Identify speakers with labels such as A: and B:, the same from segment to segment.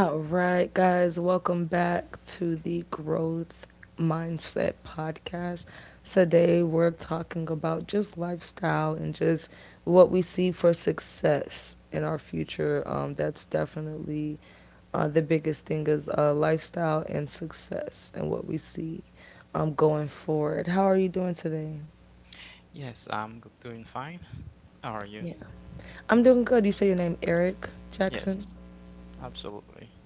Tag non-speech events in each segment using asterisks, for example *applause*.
A: All right, guys, welcome back to the Growth Mindset Podcast. Today, we're talking about just lifestyle and just what we see for success in our future. That's definitely the biggest thing is lifestyle and success and what we see going forward. How are you doing today?
B: Doing fine. How are you?
A: Yeah. I'm doing good. You say your name Eric Jackson?
B: Yes, absolutely.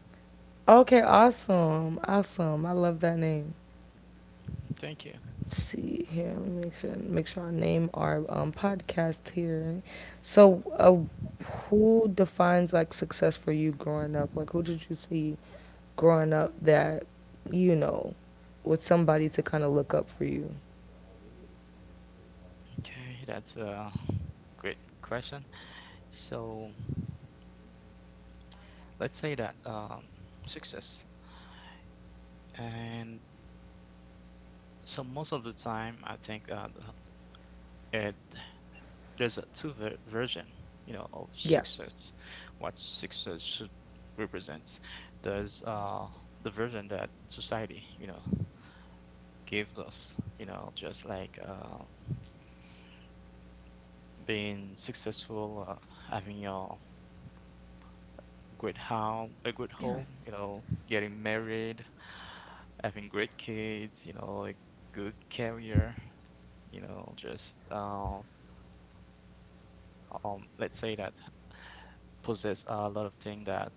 A: Okay, awesome. Awesome. I love that name.
B: Thank you.
A: Let's see here. Let me make sure I name our podcast here. So, who defines like success for you growing up? Like, who did you see growing up that you know was somebody to kind of look up for you?
B: Okay, that's a great question. So let's say that success, and most of the time, I think the- it there's a two ver version, you know, of
A: Yeah,
B: success. What success should represent. There's the version that society, you know, gives us, you know, just like being successful, having your great home, a good
A: yeah,
B: home, you know, getting married, having great kids, you know, a good career, you know, just let's say that possess a lot of things that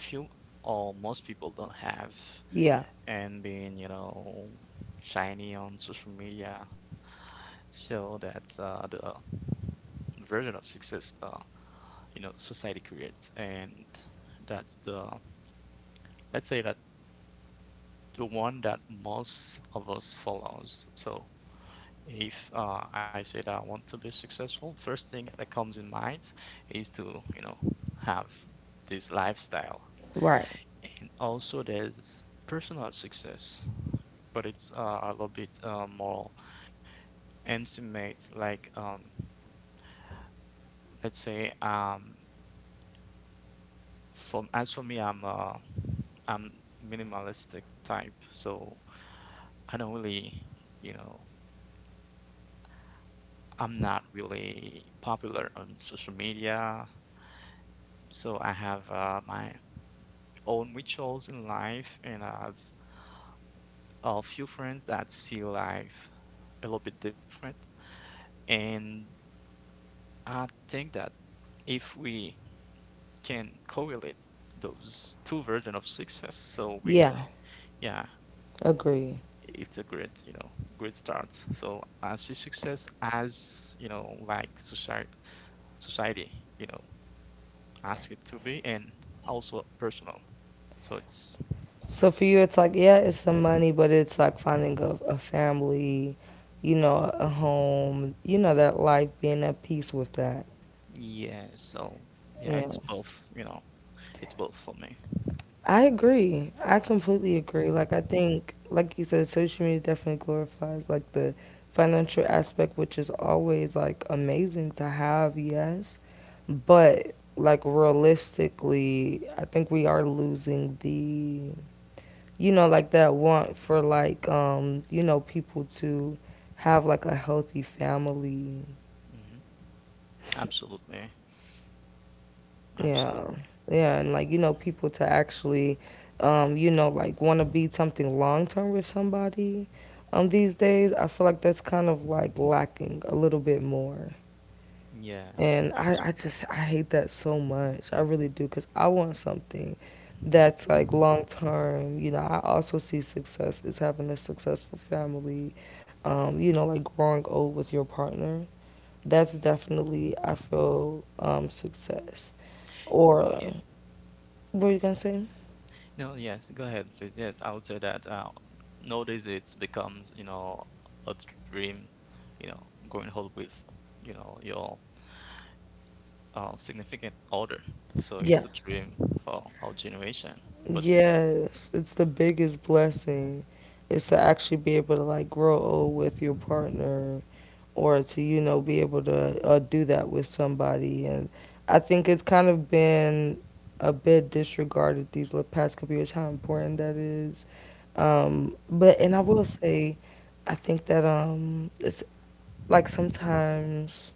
B: few or most people don't have,
A: yeah.
B: and being, you know, shiny on social media. So that's the version of success you know society creates and that's the let's say that the one that most of us follows. So if I say that I want to be successful, first thing that comes in mind is to, you know, have this lifestyle.
A: Right.
B: And also there's personal success, but it's a little bit more intimate. Like let's say for as for me, I'm minimalistic type, so I don't really, you know, I'm not really popular on social media, so I have my own rituals in life, and I have a few friends that see life a little bit different. And I think that if we can correlate those two versions of success, so we,
A: Yeah.
B: yeah,
A: Agree.
B: it's a great, you know, great start. So I see success as, you know, like society, you know, ask it to be, and also personal. So it's
A: So for you, it's like, yeah, it's some money, but it's like finding a family, a home, that life, being at peace with that.
B: yeah, so yeah,
A: Yeah.
B: it's both, you know, it's both for me.
A: I agree. I completely agree. Like, I think, like you said, social media definitely glorifies like the financial aspect, which is always like amazing to have, yes. But like, realistically, I think we are losing the, like, that want for like, people to have like a healthy family.
B: Hmm. Absolutely,
A: Yeah,
B: absolutely.
A: yeah, and like, people to actually, like, want to be something long term with somebody. These days, I feel like that's kind of like lacking a little bit more,
B: Yeah,
A: and
B: abs-
A: I just I hate that so much. I really do, cause I want something that's like long term. You know, I also see success as having a successful family. Like, growing old with your partner. That's definitely, I feel, success,
B: yeah.
A: or what were you gonna say?
B: No, yes, go ahead, please. Yes, I would say that nowadays it's becomes, you know, a dream, you know, going home with, you know, your significant other. So it's
A: Yeah.
B: a dream for our generation. But
A: Yes, it's the biggest blessing is
B: mhm.
A: to actually be able to like grow old with your partner, or to, be able to do that with somebody. And I think it's kind of been a bit disregarded past couple years how important that is. But, and I will say, I think that it's like, sometimes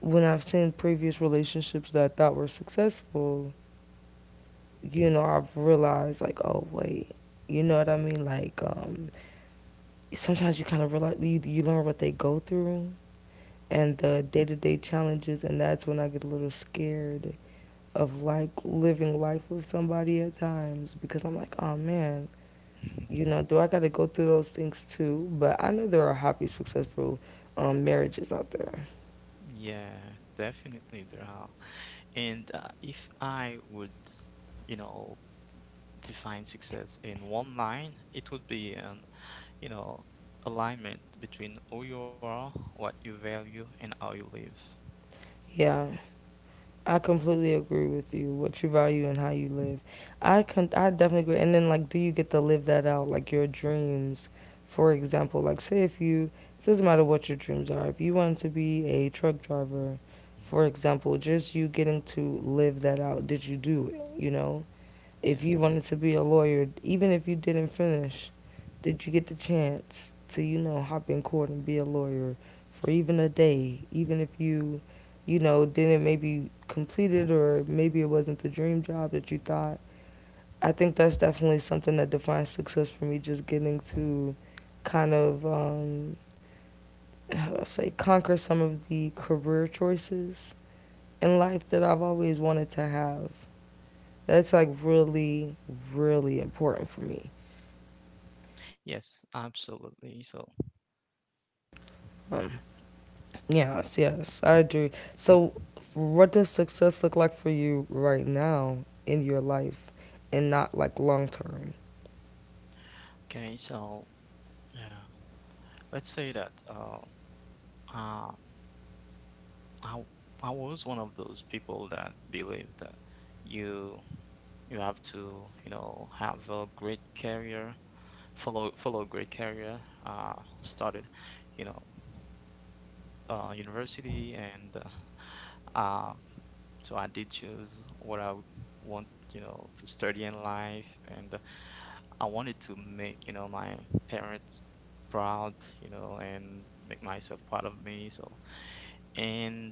A: when I've seen previous relationships that I thought were successful, I've realized, like, oh wait, you know what I mean? Like, sometimes you kind of realize, you learn what they go through and the day to day challenges, and that's when I get a little scared of like living life with somebody at times because I'm like, oh man, do I got to go through those things too? But I know there are happy, successful marriages out there.
B: Yeah, definitely there are. And if I would you know define success in one line, it would be an, you know, alignment between who you are, what you value, and how you live.
A: Yeah. I completely agree with you. What you value and how you live. I definitely agree. And then like, do you get to live that out? Like your dreams, for example. Like, say if you, it doesn't matter what your dreams are. If you wanted to be a truck driver,
B: Mhm.
A: for example, just you getting to live that out. Did you do it? You know, if you
B: Yes.
A: wanted to be a lawyer, even if you didn't finish, did you get the chance to, hop in court and be a lawyer for even a day? Even if you, didn't maybe complete it, or maybe it wasn't the dream job that you thought. I think that's definitely something that defines success for me, just getting to kind of, how do I say, conquer some of the career choices in life that I've always wanted to have. That's like really, really important for me.
B: Yes, absolutely. So,
A: Um, yes, yes, I agree. So, what does success look like for you right now in your life, and not like long term?
B: okay, so yeah, let's say that uh, I I was one of those people that believe that you you have to, you know, have a great career fellow Greek area. Uh, started, you know, university, and uh, um, so I did choose what I would want, you know, to study in life, and I wanted to make, you know, my parents proud, you know, and make myself proud of me. So, and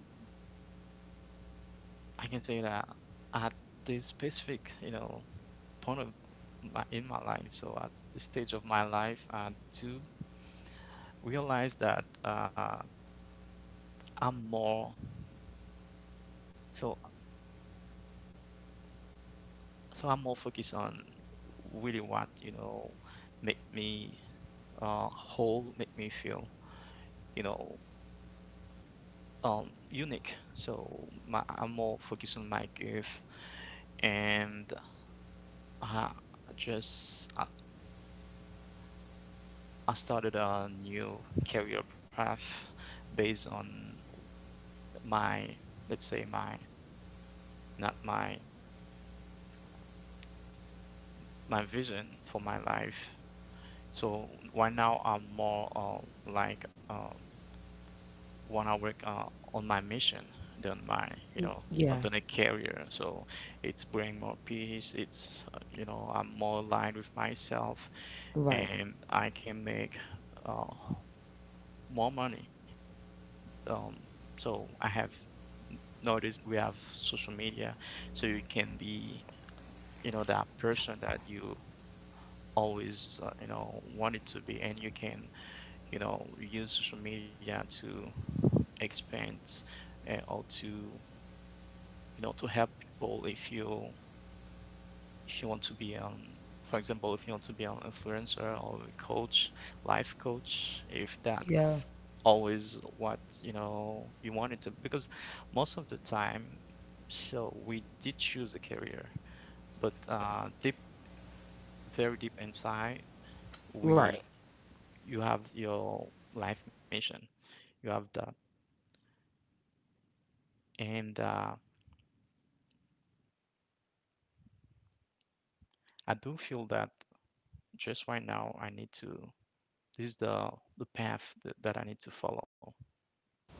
B: I can say that at this specific, you know, point of my in my life, so at this stage of my life, I do realize that. I'm more so I'm more focused on really what you know make me whole, make me feel you know unique. So my I'm more focused on my gift and I just I, I started a new career path based on my let's say my not my my vision for my life. So right now I'm more want to work on my mission than my you know
A: Yeah,
B: than a career, so it's bring more peace, it's you know I'm more aligned with myself,
A: right.
B: and I can make uh, more money, um, so I have nowadays we have social media, so you can be you know that person that you always you know wanted to be, and you can you know use social media to expand or to you know to help people if you want to be for example if you want to be an influencer or a coach, life coach, if
A: Yeah.
B: that's always what you know you wanted to, because most of the time so we did choose a career but deep very deep inside
A: Right.
B: we you have your life mission, you have that, and I do feel that just right now I need to this is the path that, that I need to follow.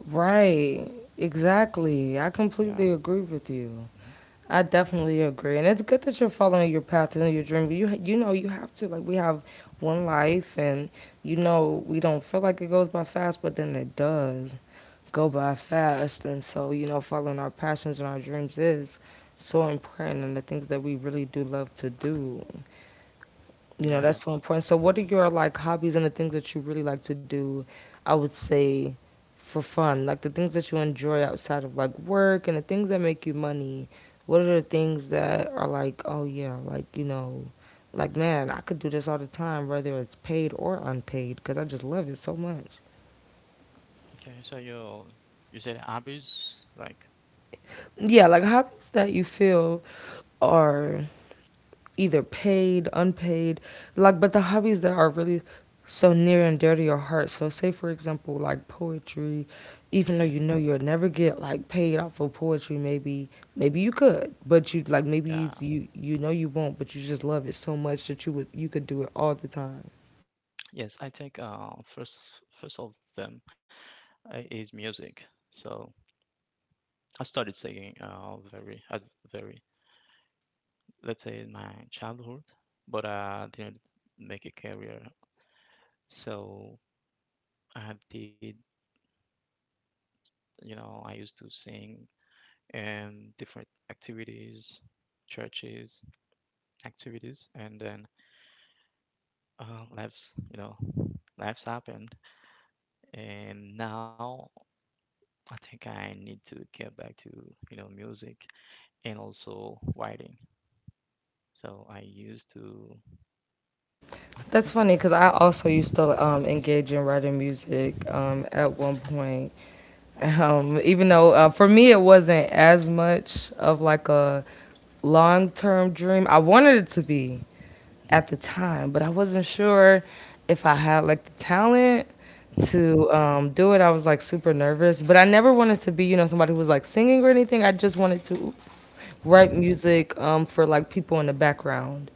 A: Right. Exactly. I
B: Yeah.
A: completely agree with you.
B: Hmm.
A: I definitely agree, and it's good that you're following your path and your dream. You know you have to, like, we have one life, and we don't feel like it goes by fast, but then it does go by fast, and so following our passions and our dreams is so important, and the things that we really do love to do,
B: Yeah.
A: that's so important. So what are your, like, hobbies and the things that you really like to do? I would say for fun, like the things that you enjoy outside of like work and the things that make you money. What are the things that are like, oh yeah, like, like, man, I could do this all the time, whether it's paid or unpaid, because I just love it so much.
B: Okay. So you said hobbies like
A: Yeah, like hobbies that you feel are either paid, unpaid, like, but the hobbies that are really so near and dear to your heart. So say, for example, like poetry, even
B: yeah
A: though you know you'll never get like paid off of poetry, maybe, you could, but you like, maybe
B: yeah
A: you know you won't, but you just love it so much that you could do it all the time.
B: yes I think first of them, is music. So I started singing very at very let's say in my childhood, but I didn't make a career. So I did you know I used to sing in different activities, churches activities, and then lives you know lives happened. And now I think I need to get back to, you know, music and also writing. So I used to
A: That's funny because I also used to engage in writing music at one point. *laughs* Even though for me it wasn't as much of like a long term dream. I wanted it to be at the
B: *laughs*
A: time, but I wasn't sure if I had like the talent to do it. I was like super nervous, but I never wanted to be, somebody who was like singing or anything. I just wanted to write music for like people in the background,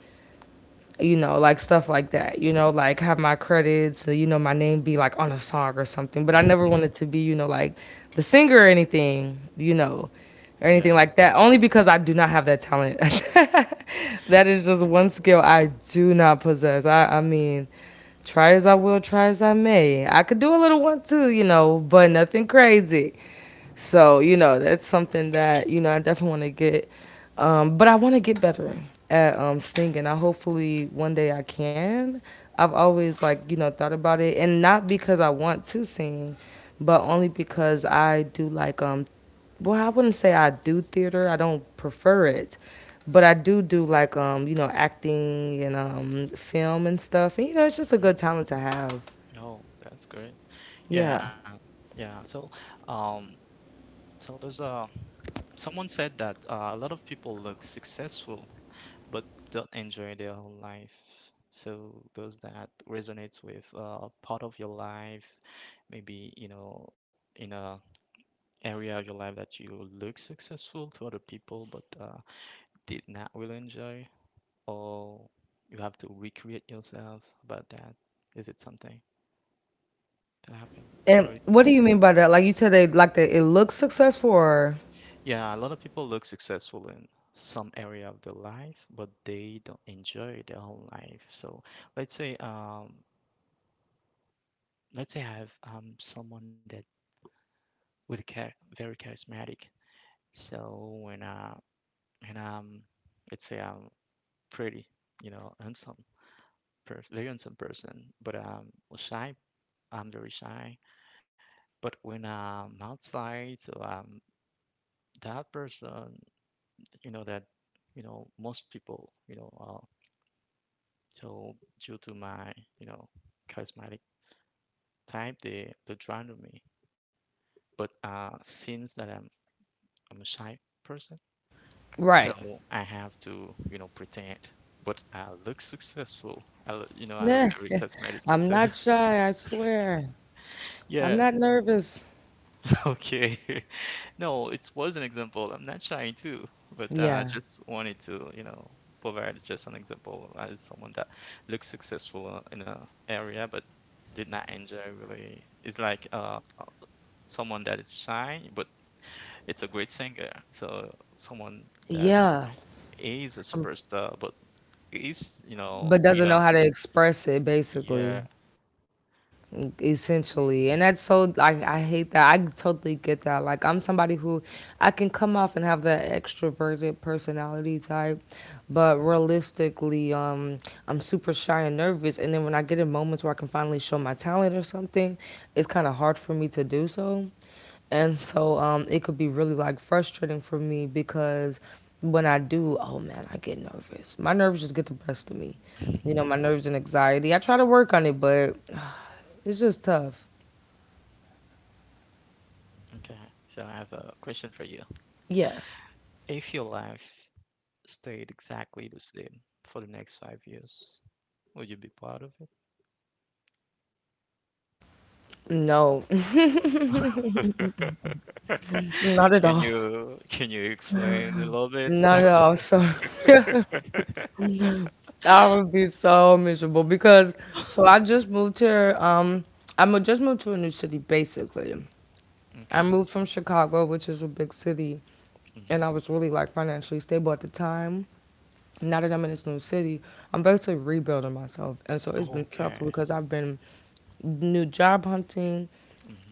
A: like stuff like
B: Mhm,
A: that, like, have my credits, my name be like on a song or something. But I never
B: *laughs*
A: wanted to be, like the singer or anything, or
B: Yeah.
A: anything like that, only because I do not have that talent. *laughs* That is just one skill I do not possess. I mean, try as I will, try as I may. I could do a little one too, but nothing crazy. So, that's something that, I definitely want to get. But I want to get better at singing. I hopefully one day I can. I've always, like, thought about it. And not because I want to sing, but only because I do like, well, I wouldn't say I do theater. I don't prefer it. But I do like, acting and film and stuff. And, it's just a good
B: Hmm.
A: talent to have.
B: Oh, that's great. Yeah,
A: Yeah.
B: uh, yeah. So, um, so there's a someone said that a lot of people look successful but don't enjoy their whole life. So, does that resonates with part of your life? Maybe, you know, in a area of your life that you look successful to other people but did not really enjoy, or you have to recreate yourself about that? Is it something that happened?
A: And
B: Or you-
A: what do you mean by that? Like, you said, they like that it looks successful, or—
B: yeah, a lot of people look successful in some area of their life, but they don't enjoy their whole life. So let's say um, let's say I have someone that with char- very charismatic. So when I and let's say I'm pretty, you know, handsome. Very handsome person, but was shy. I'm very shy. But when I'm outside, so that person, you know, that, you know, most people, you know, so due to my, you know, charismatic type, they draw to me. But since that I'm a shy person, so
A: Right.
B: I have to, you know, pretend. But I look successful. I look, you know, I look
A: Nah,
B: very charismatic.
A: I'm
B: So. *laughs*
A: not shy, I swear. I'm
B: Yeah,
A: not nervous.
B: okay. *laughs* No, it was an example. I'm not trying to, but I
A: Yeah.
B: just wanted to, you know, provide just an example as someone that looks successful in a area but did not enjoy really. It's like someone that is shy but it's a great singer. So someone that
A: Yeah.
B: is a superstar but is,
A: But
B: you
A: doesn't know
B: know,
A: how to express it, basically.
B: yeah.
A: Essentially, and that's so, like, I hate that. I totally get that. Like, I'm somebody who, I can come off and have that extroverted personality type,
B: Mhm.
A: but realistically, I'm super shy and nervous, and then when I get in moments where I can finally show my talent or something, it's kind of hard for me to do so. And so, it could be really like frustrating for me, because when I do, oh man, I get nervous. My nerves just get the best of me. You know,
B: *laughs*
A: my nerves and anxiety. I try to work on it, but it's just tough.
B: Okay. So I have a question for you.
A: Yes.
B: If your life stayed exactly the same for the next 5 years, would you be part of it?
A: No,
B: *laughs*
A: *laughs* not at all.
B: Can you explain a little bit?
A: Not at all. So
B: *laughs*
A: *laughs* I would be so miserable because, so, I just moved here. I just moved to a new city, basically.
B: Okay.
A: I moved from Chicago, which is a big city, and
B: Hmm.
A: I was really like financially stable at the time. Now that I'm in this new city, I'm basically rebuilding myself, and so it's been tough
B: Okay.
A: because I've been new job hunting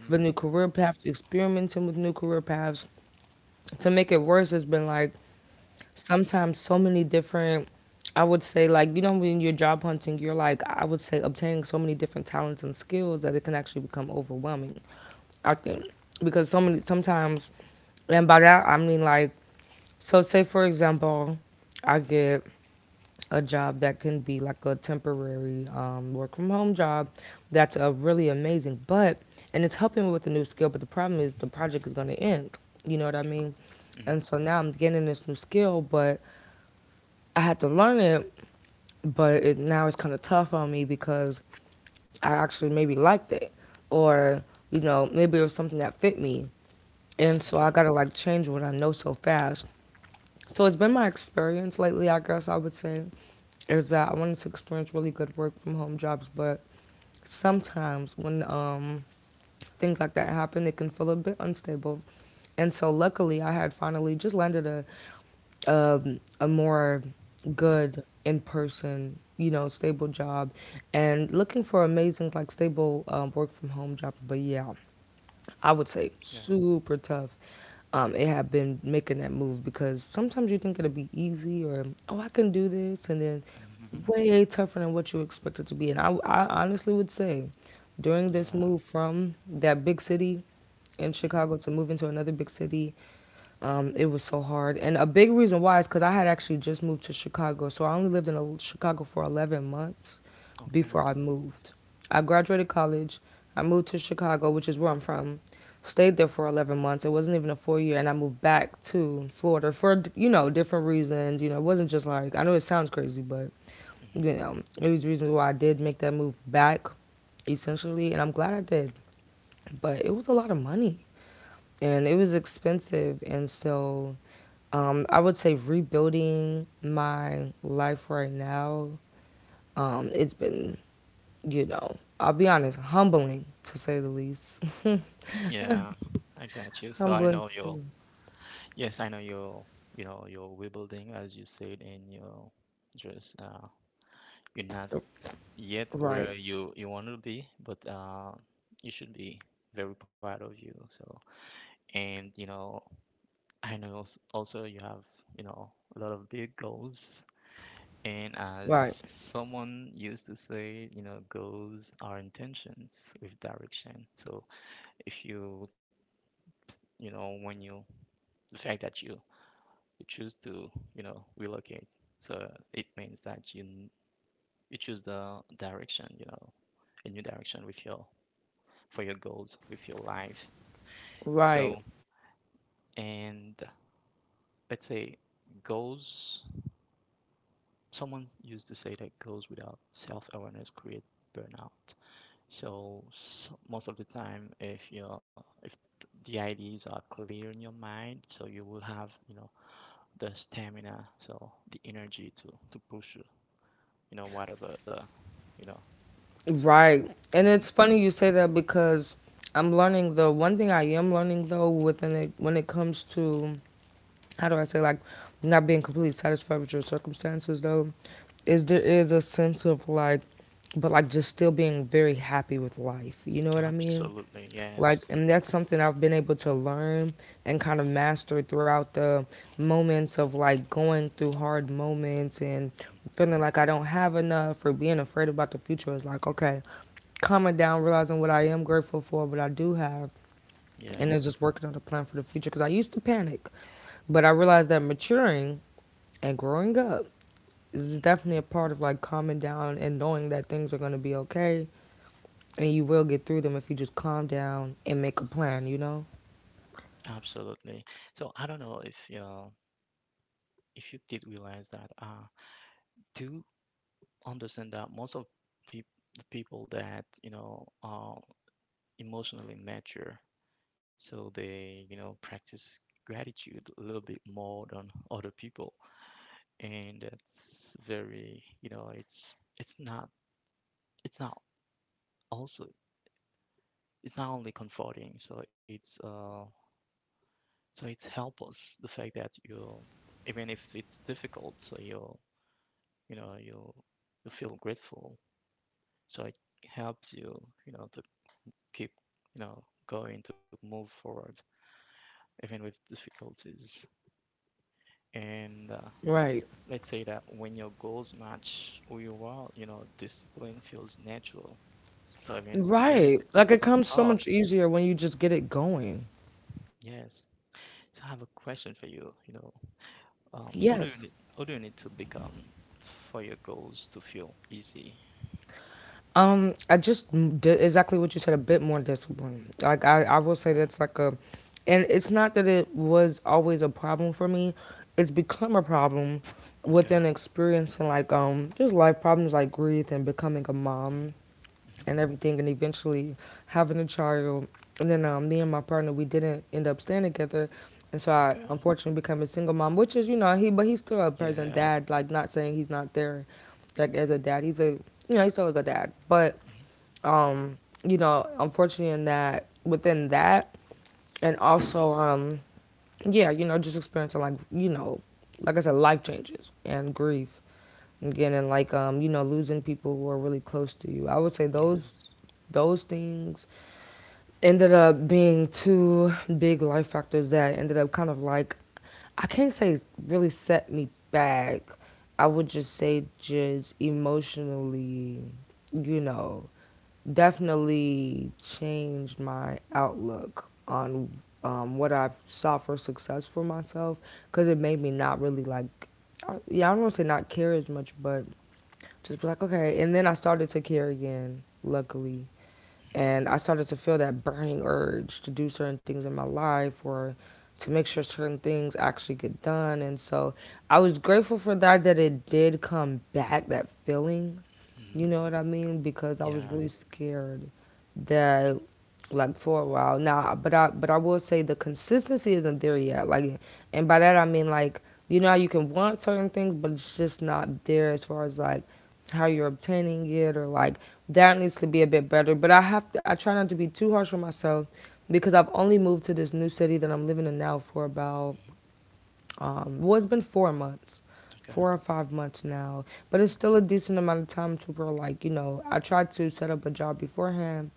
A: for new career paths, experimenting with new career paths. To make it worse, it's been like, sometimes so many different, I would say, like, when you're job hunting, you're like, I would say, obtaining so many different talents and skills that it can actually become overwhelming. I think, because so many sometimes, and by that I mean, like, so, say for example, I get a job that can be like a temporary work from home job that's really amazing, but, and it's helping me with a new skill, but the problem is the project is going to end, you know what I
B: Okay.
A: mean?
B: Hmm.
A: And so now I'm getting this new skill, but I had to learn it, but now it's kind of tough on me because I actually maybe liked it, or maybe it was something that fit me, and so
B: Okay.
A: I gotta like change what I know so fast. So it's been my experience lately, I guess I would say, is that I wanted to experience really good work from home jobs, but sometimes when things like that happen, it can feel a bit unstable. And so luckily, I had finally just landed a more good in person, stable job, and looking for amazing like stable work from home job. But yeah, I would
B: Yeah.
A: say super tough. It had been making that move because sometimes you think it'll be easy or oh I can do this, and then
B: Hmm.
A: way tougher than what you expect it to be. And I honestly would say during this
B: Yeah.
A: move from that big city in
B: Hmm.
A: Chicago to moving to another big city, it was so hard. And a big reason why is because I had actually just moved to Chicago. So I only lived in Chicago for 11 months
B: Okay.
A: before I moved. I graduated college. I moved to Chicago, which is where I'm from. Stayed there for 11 months. It wasn't even a full year. And I moved back to Florida for, you know, different reasons. You know, it wasn't just like, I know it sounds crazy, but,
B: Hmm.
A: you know, it was reasons why I did make that move back, essentially. And I'm glad I did. But it was a lot of money and it was expensive. And so I would say rebuilding my life right now. It's been, you know, I'll be honest, humbling to say the least. *laughs*
B: Yeah. I got you. So I know
A: Humbling to
B: you'll.
A: say
B: Yes, I know you'll. You know you're rebuilding, as you said, and you'll just. You're not yet
A: the
B: where
A: right,
B: you want to be, but you should be very proud of you. So, and you know, I know also you have you know a lot of big goals. And
A: right,
B: as someone used to say, you know, goals are intentions with direction. So if you, you know, when you, the fact that you choose to, you know, relocate, so it means that you choose the direction, you know, a new direction with your for your goals with your life. So,
A: right,
B: and let's say goals, someone used to say that goals without self awareness create burnout. So, s most of the time, if you're, if the ideas are clear in your mind, so you will have, you know, the stamina, so the energy to push, you know, whatever the, you know,
A: right. And
B: hmm
A: it's funny you say that because I'm learning the one thing I am learning though within it when it comes to how do I say, like, not being completely satisfied with your circumstances though is there is a sense of like, but like just still being very happy with life. You know what I mean?
B: absolutely,
A: Like,
B: yes.
A: and that's something I've been able to learn and kind of master throughout the moments of like going through hard moments and feeling
B: Mm,
A: like I don't have enough or being afraid about the future. It's like, okay, calming down, realizing what I am grateful for, what I do have,
B: yeah,
A: and then just working on a plan for the future. Because I used to panic, but I realized that maturing and growing up is definitely a part of like calming down and knowing that things are going to be okay and you will get through them if you just calm down and make a plan, you know?
B: absolutely. So I don't know if you're if you did realize that, do understand that most of peop the people that, you know, are emotionally mature, so they, you know, practice gratitude a little bit more than other people. And that's very, you know, it's not it's not also it's not only comforting, so it's help us the fact that you even if it's difficult, so you know you you feel grateful so it helps you you know to keep you know going to move forward even with difficulties and
A: Right.
B: let's say that when your goals match who you are you know discipline feels natural so even even if
A: Right.
B: it's
A: Like it comes so
B: hard
A: much easier when you just get it going.
B: yes so I have a question for you you know
A: Yes.
B: what do you need to become for your goals to feel easy
A: I just did exactly what you said, a bit more discipline. Like I will say
B: uh,
A: that's like a— and it's not that it was always a problem for me. It's become a problem
B: okay
A: within experiencing like just life problems like grief and becoming a
B: hmm
A: mom.
B: hmm
A: And everything and eventually having a child and then me and my partner, we didn't end up staying together, and so I
B: okay
A: unfortunately became a single mom, which is, you know, he— but he's still a present
B: yeah
A: dad, like not saying he's not there. Like as a dad, he's a, you know, he's still a good dad. but
B: hmm
A: um you know, unfortunately in that, within that, and also yeah, you know, just experiencing like, you know, like I said, life changes and grief again, and like you know, losing people who are really close to you, I would say
B: yes
A: those things ended up being two big life factors that ended up kind of like, I can't say really set me back, I would just say just emotionally, you know, definitely changed my outlook on what I saw for success for myself, because it made me not really like, yeah, I don't want to say not care as much, but just be like, okay. And then I started to care again, luckily. And I started to feel that burning urge to do certain things in my life or to make sure certain things actually get done. And so I was grateful for that, that it did come back, that feeling, you
B: hmm
A: know what I mean? Because I was
B: yeah.
A: really scared that, like, for a while. Now, but I will say the consistency isn't there yet. Like, and by that I mean, like, you know how you can want certain things but it's just not there as far as like how you're obtaining it, or like that needs to be a bit better. But I have to— I try not to be too harsh on myself because I've only moved to this new city that I'm living in now for about,
B: Mm-hmm.
A: well, it's been 4 months,
B: Okay.
A: 4 or 5 months now, but it's still a decent amount of time to where, like, you know, I tried to set up a job beforehand,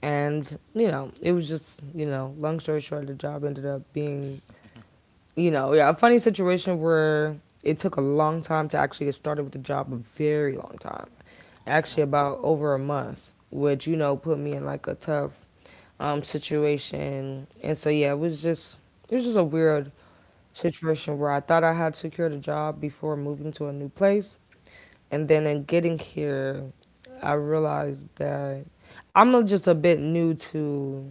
A: and you know, it was just, you know, long story short, the job ended up being,
B: Okay. *laughs*
A: you know, yeah, a funny situation where it took a long time to actually get started with the job, a very long time,
B: Okay.
A: actually about over a month, which, you know, put me in like a tough situation, and so yeah, it was just— it was just a weird situation where I thought I had secured a job before moving to a new place. And then in getting here, I realized that I'm just a bit new to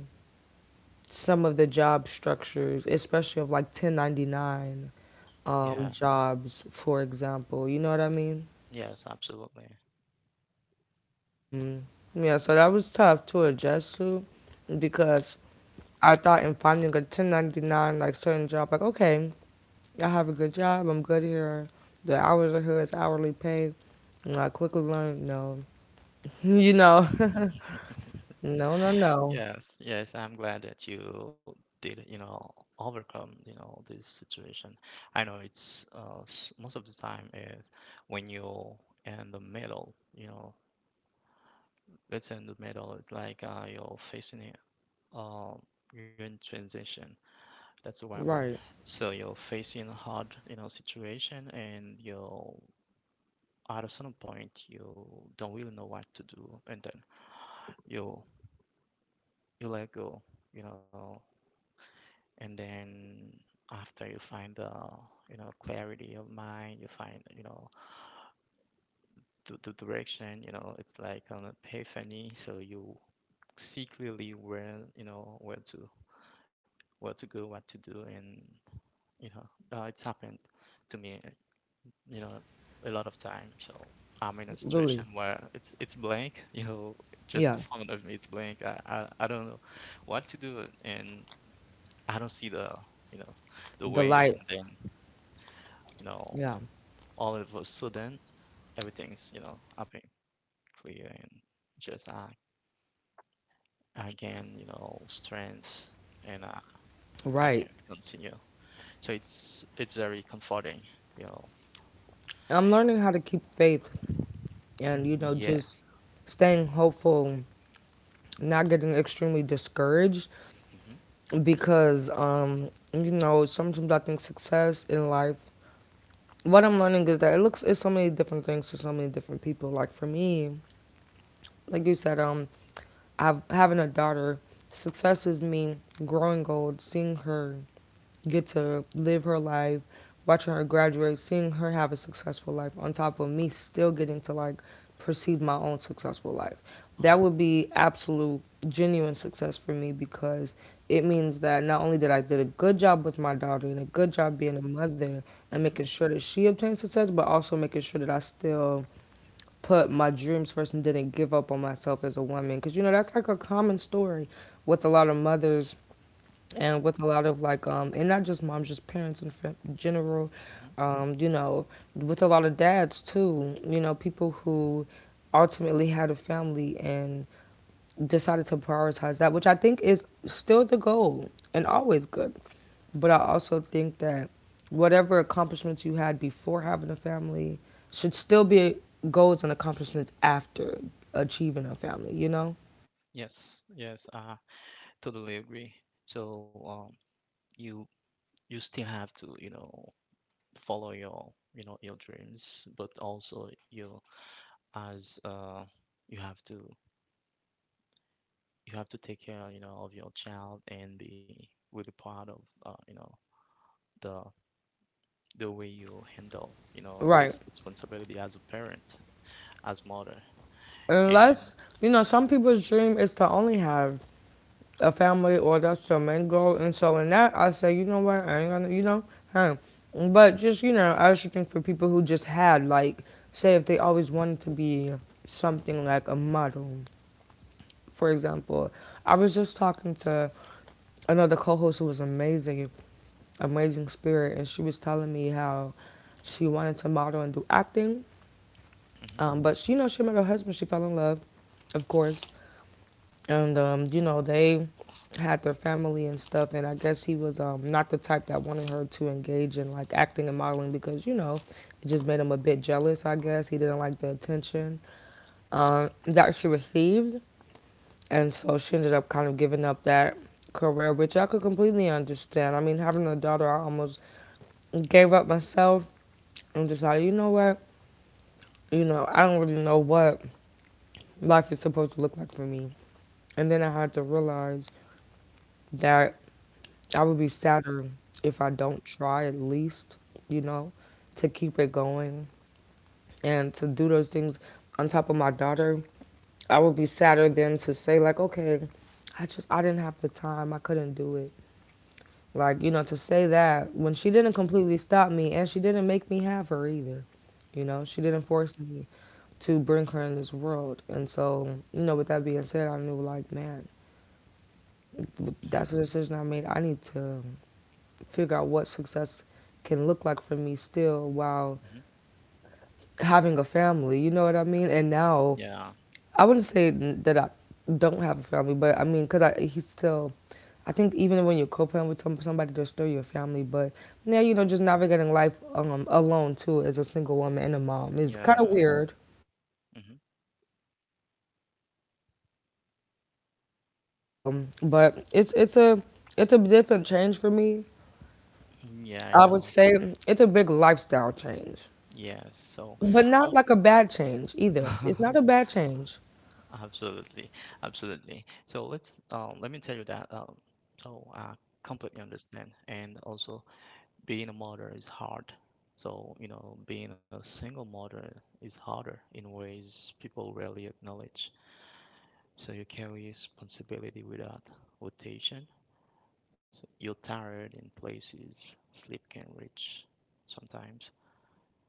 A: some of the job structures, especially of like 1099
B: Yeah.
A: jobs, for example. You know what I mean?
B: Yes, absolutely.
A: Mm. Yeah, so that was tough to adjust to because I thought in finding a 1099, like certain job, like, okay, y'all have a good job. I'm good here. The hours are here. It's hourly pay. And I quickly learned, no, *laughs* you know, *laughs* no, no, no.
B: Yes. Yes, I'm glad that you did, you know, overcome, you know, this situation. I know it's most of the time is when you're in the middle, you know, let's say in the middle, it's like you're facing it, um you're in transition. That's the right word.
A: Right,
B: So you're facing a hard, you know, situation and you're at a certain point you don't really know what to do, and then you you let go, you know, and then after you find the, you know, clarity of mind, you find, you know, the direction, you know, it's like an epiphany. So you see clearly where, you know, where to go, what to do. And, you know, it's happened to me. You know, a lot of time. So I'm in a
A: really.
B: situation where it's blank, *laughs* you know, just in
A: Yeah,
B: front of me, it's blank. I don't know what to do, and I don't see the, you know, the
A: the
B: way. And
A: light.
B: then, you know,
A: Yeah,
B: all of a sudden, everything's, you know, up and clear, and just I gain, you know, strength, and I can
A: right.
B: continue. So it's very comforting, you know.
A: I'm learning how to keep faith and,
B: Mm,
A: you know, just
B: yes.
A: staying hopeful, not getting extremely discouraged
B: Mm-hmm.
A: because, you know, sometimes I think success in life, what I'm learning is that it looks— it's so many different things to so many different people. Like for me, like you said, having a daughter, success is me growing old, seeing her get to live her life, watching her graduate, seeing her have a successful life, on top of me still getting to like perceive my own successful life. That
B: Oh.
A: would be absolute genuine success for me because it means that not only did I did a good job with my daughter and a good job being a mother and
B: Mm-hmm.
A: making sure that she obtains success, but also making sure that I still put my dreams first and didn't give up on myself as a woman, because you know that's like a common story with a lot of mothers and with a lot of like and not just moms, just parents in general.
B: Mm-hmm.
A: You know, with a lot of dads too, you know, people who ultimately had a family and decided to prioritize that, which I think is still the goal and always good. But I also think that whatever accomplishments you had before having a family should still be goals and accomplishments after achieving a family, you know?
B: Yes, yes, I totally agree. So, you you still have to, you know, follow your, you know, your dreams, but also you, as you have to you have to take care, you know, of your child and be really proud of, you know, the the way you handle, you know,
A: Right.
B: this responsibility as a parent, as mother, and
A: Unless, you know, some people's dream is to only have a family or that's their main goal. And so in that, I say, you know what, I ain't gonna, you know, huh. But just, you know, I actually think for people who just had, like, say if they always wanted to be something like a model. For example, I was just talking to another co-host who was amazing, amazing spirit, and she was telling me how she wanted to model and do acting,
B: hmm.
A: but she, you know, she met her husband. She fell in love, of course, and you know, they had their family and stuff. And I guess he was not the type that wanted her to engage in like acting and modeling, because you know it just made him a bit jealous. I guess he didn't like the
B: Hmm.
A: attention that she received. And so she ended up kind of giving up that career, which I could completely understand. I mean, having a daughter, I almost gave up myself and decided, you know what? You know, I don't really know what life is supposed to look like for me. And then I had to realize that I would be sadder if I don't try at least, you know, to keep it going and to do those things on top of my daughter. I would be sadder than to say, like, okay, I didn't have the time, I couldn't do it, like, you know, to say that when she didn't completely stop me and she didn't make me have her either. You know, she didn't force me to bring her in this world. And so, you know, with that being said, I knew like, man, that's a decision I made. I need to figure out what success can look like for me still while
B: Hmm.
A: having a family. You know what I mean? And now
B: Yeah,
A: I wouldn't say that I don't have a family, but I mean, because he's still, I think even when you're co-parent with somebody, they're still your family. But now, you
B: mhm,
A: know, just navigating life alone too as a single woman and a mom is kind of
B: yeah,
A: weird.
B: hmm.
A: But it's a different change for me.
B: Yeah, I
A: I would
B: know.
A: say it's a big lifestyle change,
B: Yes, so.
A: but
B: I.
A: not like a bad change either. It's not
B: *laughs*
A: a bad change,
B: Absolutely, absolutely. So let me tell you that. So I completely understand, and also being a mother is hard. So you know, being a single mother is harder in ways people rarely acknowledge. So you carry responsibility without rotation. So you're tired in places sleep can reach sometimes,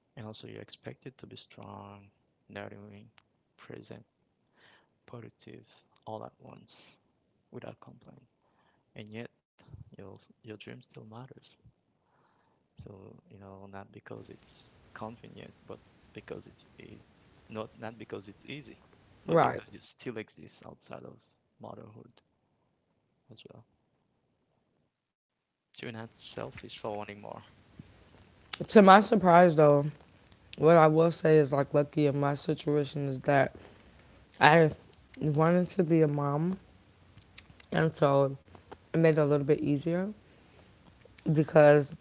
B: and also you're expected to be strong, nurturing, present, positive, all at once without complaint. And yet, your your dream still matters. So you know, not because it's convenient, but because it's easy. Not because it's easy, but
A: right?
B: because you still exist outside of motherhood as well. So you're not selfish for wanting more. *laughs*
A: To my surprise, though, what I will say is like lucky in my situation is that I wanted to be a mom, and so it made it a little bit easier because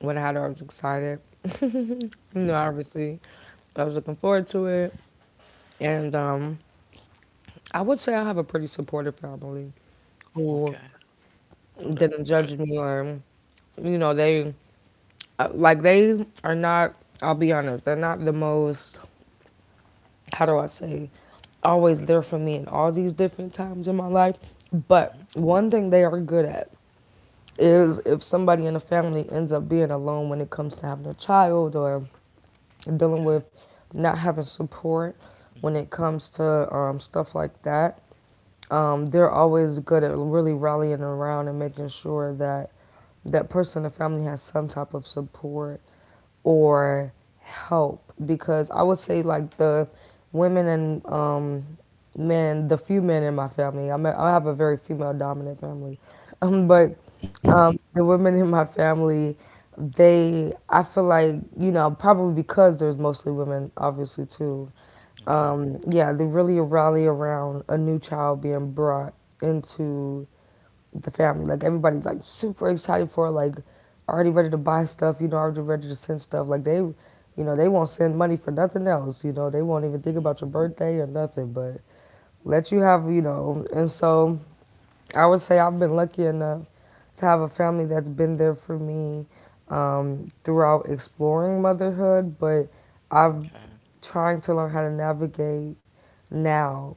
A: when I had her, I was excited. You know, obviously, I was looking forward to it, and I would say I have a pretty supportive family
B: Mhm.
A: who
B: Okay. Oh, that's
A: didn't
B: good.
A: judge me or, you know, they are not. I'll be honest, they're not the most. How do I say? Always there for me in all these different times in my life. But
B: Hmm.
A: one thing they are good at is if somebody in the family ends up being alone when it comes to having a child or dealing
B: Okay.
A: with not having support when
B: Hmm.
A: it comes to stuff like that, they're always good at really rallying around and making sure that that person in the family has some type of support or help because I would say like the women and men, the few men in my family. I have a very female dominant family, *laughs* but
B: Hmm.
A: the women in my family, they I feel like, you know, probably because there's mostly women, obviously too.
B: *laughs* Okay.
A: Yeah, they really rally around a new child being brought into the family. Like everybody's like super excited for it, like already ready to buy stuff, you know, already ready to send stuff. Like they, you know, they won't send money for nothing else, you know, they won't even think
B: Hmm.
A: about your birthday or nothing, but let you have, you know, and so I would say I've been lucky enough to have a family that's been there for me throughout exploring motherhood, but I've
B: Okay.
A: trying to learn how to navigate now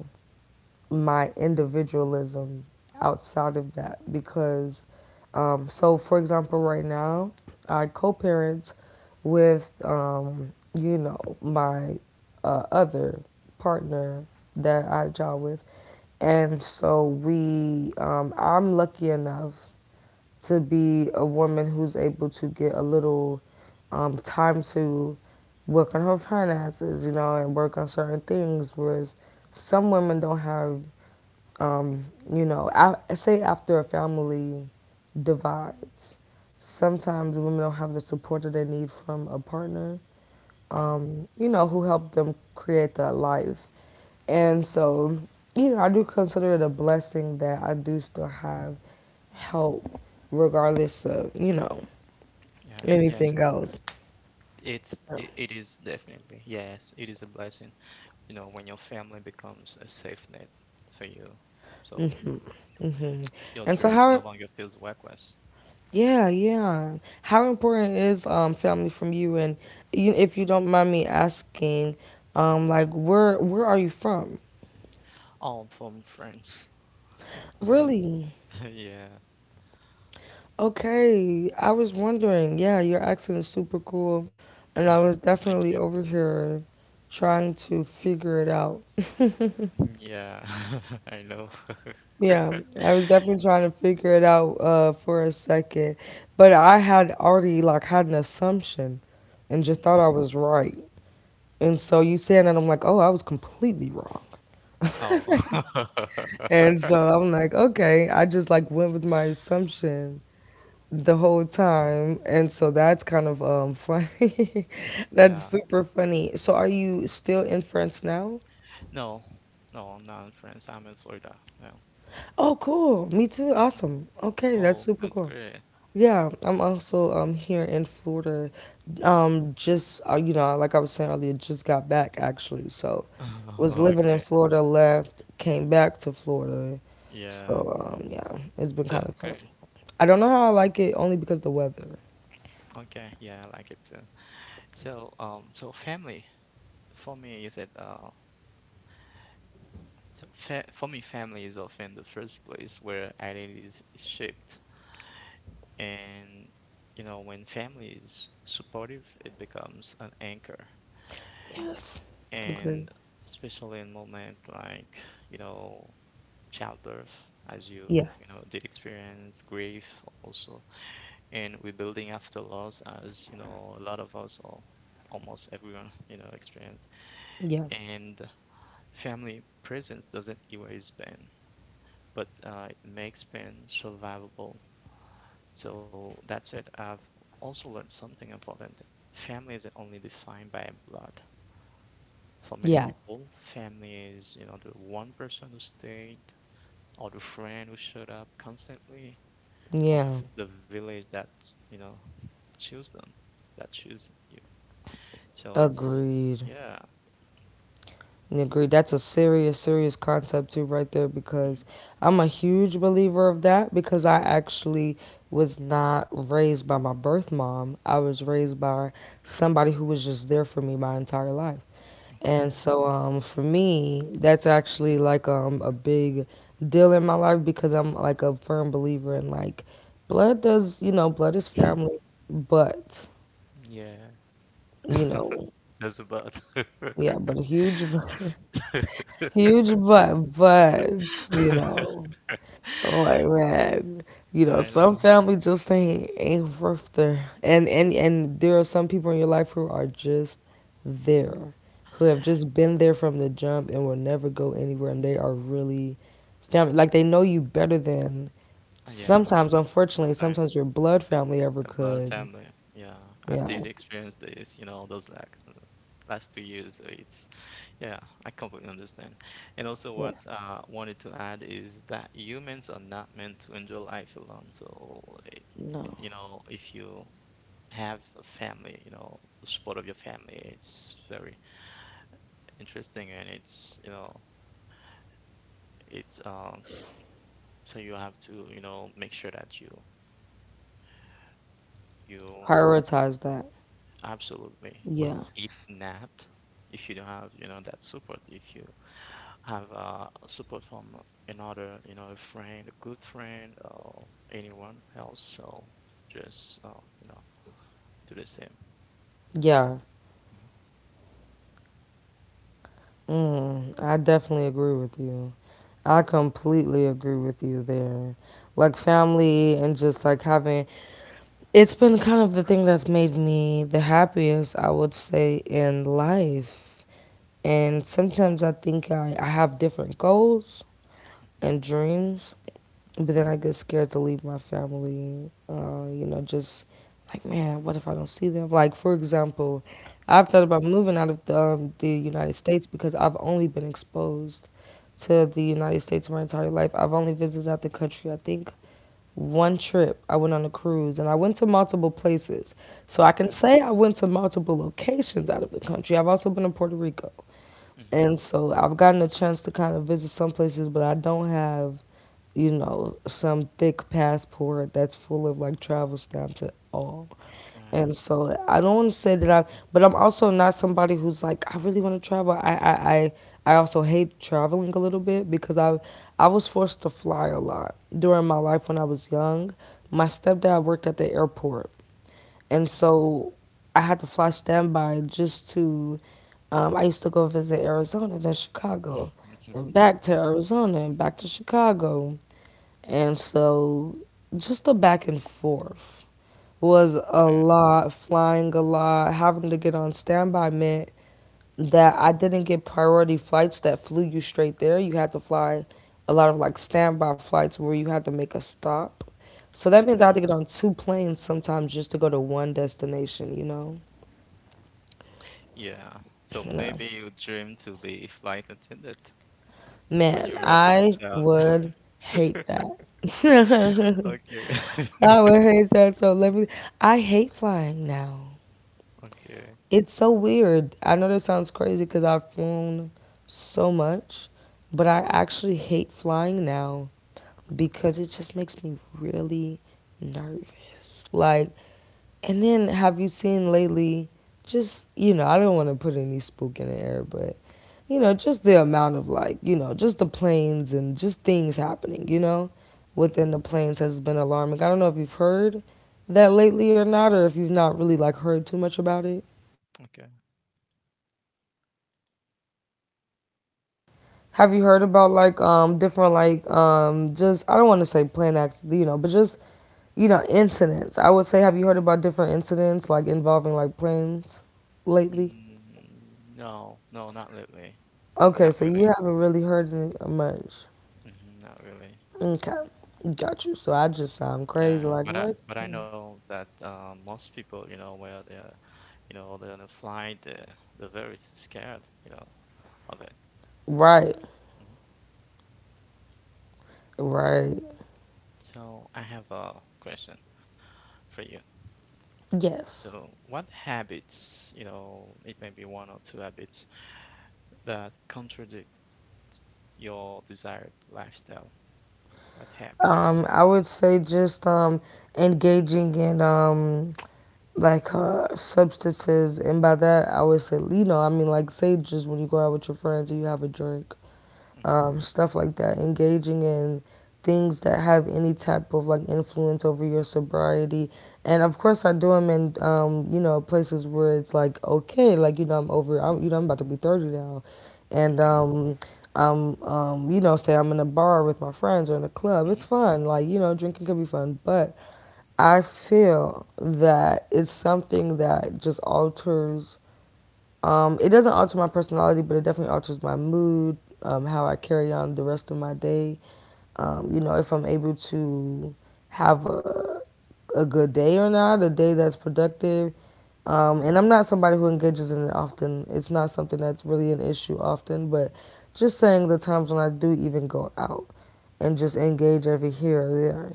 A: my individualism outside of that because so for example right now I co-parent with you know my other partner that I job with and so we I'm lucky enough to be a woman who's able to get a little time to work on her finances, you know, and work on certain things. Whereas some women don't have, um, you know, I say after a family divides, sometimes women don't have the support that they need from a partner,
B: Hmm.
A: you know, who helped them create that life. And so, you know, I do consider it a blessing that I do still have help, regardless of, you know,
B: Yeah. Yes.
A: anything else.
B: It is definitely, yes, it is a blessing, you know, when your family becomes a safe net for you. So
A: Hmm.
B: your
A: And so,
B: dreams no
A: how,
B: longer feels worthless.
A: yeah, yeah. How important is family from you? And you, if you don't mind me asking,
B: Mhm.
A: like, where are you from?
B: Oh, from France? *laughs*
A: Really?
B: Yeah.
A: Okay. I was wondering. Yeah, your accent is super cool. And I was
B: *laughs* Thank
A: definitely
B: you.
A: over here trying to figure it out.
B: Yeah, *laughs* I know. *laughs*
A: Yeah, I was definitely trying to figure it out for a second, but I had already like had an assumption, and just thought
B: Mhm.
A: I was right. And so you saying that, I'm like, oh, I was completely wrong.
B: Oh.
A: And
B: *laughs*
A: so I'm like, okay, I just like went with my assumption the whole time, and so that's kind of funny. *laughs* That's
B: Yeah.
A: super funny. So are you still in France now?
B: No, no, I'm not in France. I'm in Florida now.
A: Oh, cool. Me too.
B: *laughs* Mhm.
A: Awesome. Okay, that's
B: Oh,
A: super
B: that's
A: cool.
B: great.
A: Yeah, I'm also here in Florida. Just you know, like I was saying earlier, just got back actually. So,
B: *laughs*
A: was living in
B: Okay.
A: Florida, left, came back to Florida. So,
B: Yeah,
A: yeah, it's been kind
B: that's
A: of tough.
B: great.
A: I don't know how I like it only because the weather.
B: Okay, yeah, I like it too. So, so family for me, you said, so fa for me, family is often the first place where identity is shaped, and you know, when family is supportive, it becomes an anchor,
A: Yes,
B: and
A: agreed.
B: especially in moments like, you know, childbirth, as you
A: Yeah,
B: you know did experience grief also, and rebuilding after loss, as you know, a lot of us or almost everyone you know experience,
A: yeah,
B: and family presence doesn't erase pain, but it makes pain survivable. So that's it. I've also learned something important. Family isn't only defined by blood. For many
A: yeah,
B: people, family is you know the one person who stayed, or the friend who showed up constantly, or the, v-
A: yeah.
B: the village that you know choose them, that choose you. So it's
A: Agreed.
B: yeah.
A: And agree. That's a serious, serious concept too, right there, because
B: Hmm.
A: I'm a huge believer of that because I actually was not raised by my birth mom. I was raised by somebody who was just there for me my entire life. And
B: Okay.
A: so for me, that's actually like a big deal in my life because I'm like a firm believer in like blood does, you know, blood is family, but,
B: Yeah.
A: you know,
B: That's about. *laughs*
A: yeah, but a huge *laughs* huge but, buts, you know, I'm like man, you
B: Yeah,
A: know,
B: I
A: some
B: know.
A: family just ain't worth there, and and there are some people in your life who are just there, who have just been there from the jump and will never go anywhere, and they are really family. Like they know you better than
B: Yeah,
A: sometimes, unfortunately,
B: sometimes
A: sometimes your blood family
B: the
A: ever
B: blood family.
A: could.
B: Yeah, I did
A: Yeah,
B: experience this, you know, those like last 2 years. So it's, yeah, I completely understand. And also,
A: yeah,
B: what I wanted to add is that humans are not meant to enjoy life alone. So, eh, you
A: no,
B: know, if you have a family, you know, the support of your family, it's very interesting and it's, you know, it's so you have to, you know, make sure that you
A: prioritize that.
B: absolutely. But
A: Yeah,
B: if not, if you don't have, you know, that support, if you have support from another, you know, a friend, a good friend or anyone else, so just you know, do the same.
A: yeah.
B: Mhm.
A: Mm, I definitely agree with you. I completely agree with you there. Like family and just like having it's been kind of the thing that's made me the happiest, I would say, in life. And sometimes I think I have different goals and dreams but then I get scared to leave my family. You know, just like man, what if I don't see them? Like for example, I've thought about moving out of the United States because I've only been exposed to the United States my entire life. I've only visited out the country. I think one trip I went on a cruise and I went to multiple places. So
B: Mhm.
A: I can
B: Okay.
A: say I went to multiple locations out of the country. I've also been in Puerto Rico.
B: Hmm.
A: And so I've gotten a chance to kind of visit some places, but I don't have, you know, some thick passport that's full of like travel stamps at all.
B: Okay.
A: And so I don't want to say that I, but I'm also not somebody who's like I really want to travel. I also hate traveling a little bit because I was forced to fly a lot during my life when I was young. My stepdad worked at the airport, and so I had to fly standby just to. I used to go visit Arizona, then Chicago,
B: Okay.
A: and
B: *laughs*
A: back to Arizona, and back to Chicago. And so just the back and forth was a
B: Okay.
A: lot, flying a lot, having to get on standby meant that I didn't get priority flights that flew you straight there. You had to fly a lot of like standby flights where you had to make a stop. So that means I had to
B: Okay.
A: get on two planes sometimes just to go to one destination, you know? *laughs*
B: Yeah. So
A: *clears throat* No.
B: maybe you dreamed to be a flight attendant when you
A: Man,
B: were a
A: I
B: child.
A: would hate that.
B: *laughs*
A: *laughs*
B: Okay.
A: I would
B: *laughs*
A: hate that so let me I hate flying now.
B: Okay.
A: It's so weird. I know that sounds crazy because I've flown so much, but I actually hate flying now because
B: Okay.
A: it just makes me really nervous. Like, and then have you seen lately, just, you know, I don't want to put any spook in the air, but, you know, just the amount of like, you know, just the planes and just things happening, you know, within
B: Mhm.
A: the planes has been alarming. I don't know if you've heard that lately or not, or if you've not really like heard too much about it.
B: Okay.
A: Have you heard about like different like just I don't want to say plane acts you know but just you know incidents I would say, have you heard about different incidents like involving like planes lately?
B: Mm, no, no, not really.
A: Okay, so
B: Not
A: you
B: really.
A: haven't really heard it much.
B: Hmm, not really.
A: Okay, got you. So I just sound crazy
B: Yeah,
A: like what?
B: but I know that most people, you know, where they are, you know, they're on a flight, they're very scared, you know, of it.
A: Right,
B: Mhm.
A: right.
B: So I have a question for you.
A: Yes.
B: So what habits, you know, it may be one or two habits that contradict your desired lifestyle? What habits?
A: I would say just engaging in like substances, and by that I would say you know I mean like say just when you go out with your friends and you have a drink,
B: Mhm,
A: stuff like that, engaging in things that have any type of like influence over your sobriety. And of course, I do them in, you know, places where it's like okay, like you know I'm, you know
B: mhm,
A: I'm about to be 30 now,
B: mm,
A: and
B: kaya
A: I'm you know say I'm in a bar with my friends or in a club. It's
B: mhm,
A: fun, like you know drinking can be fun, but I feel that it's something that just alters it doesn't alter my personality, but it definitely alters my mood, how I carry on the rest of my day. You know, if I'm able to have a good day or not, a day that's productive.
B: mhm,
A: And I'm not somebody who engages in it often. It's not something that's really an issue often, but just saying the times when I do even go out and just engage every here or there,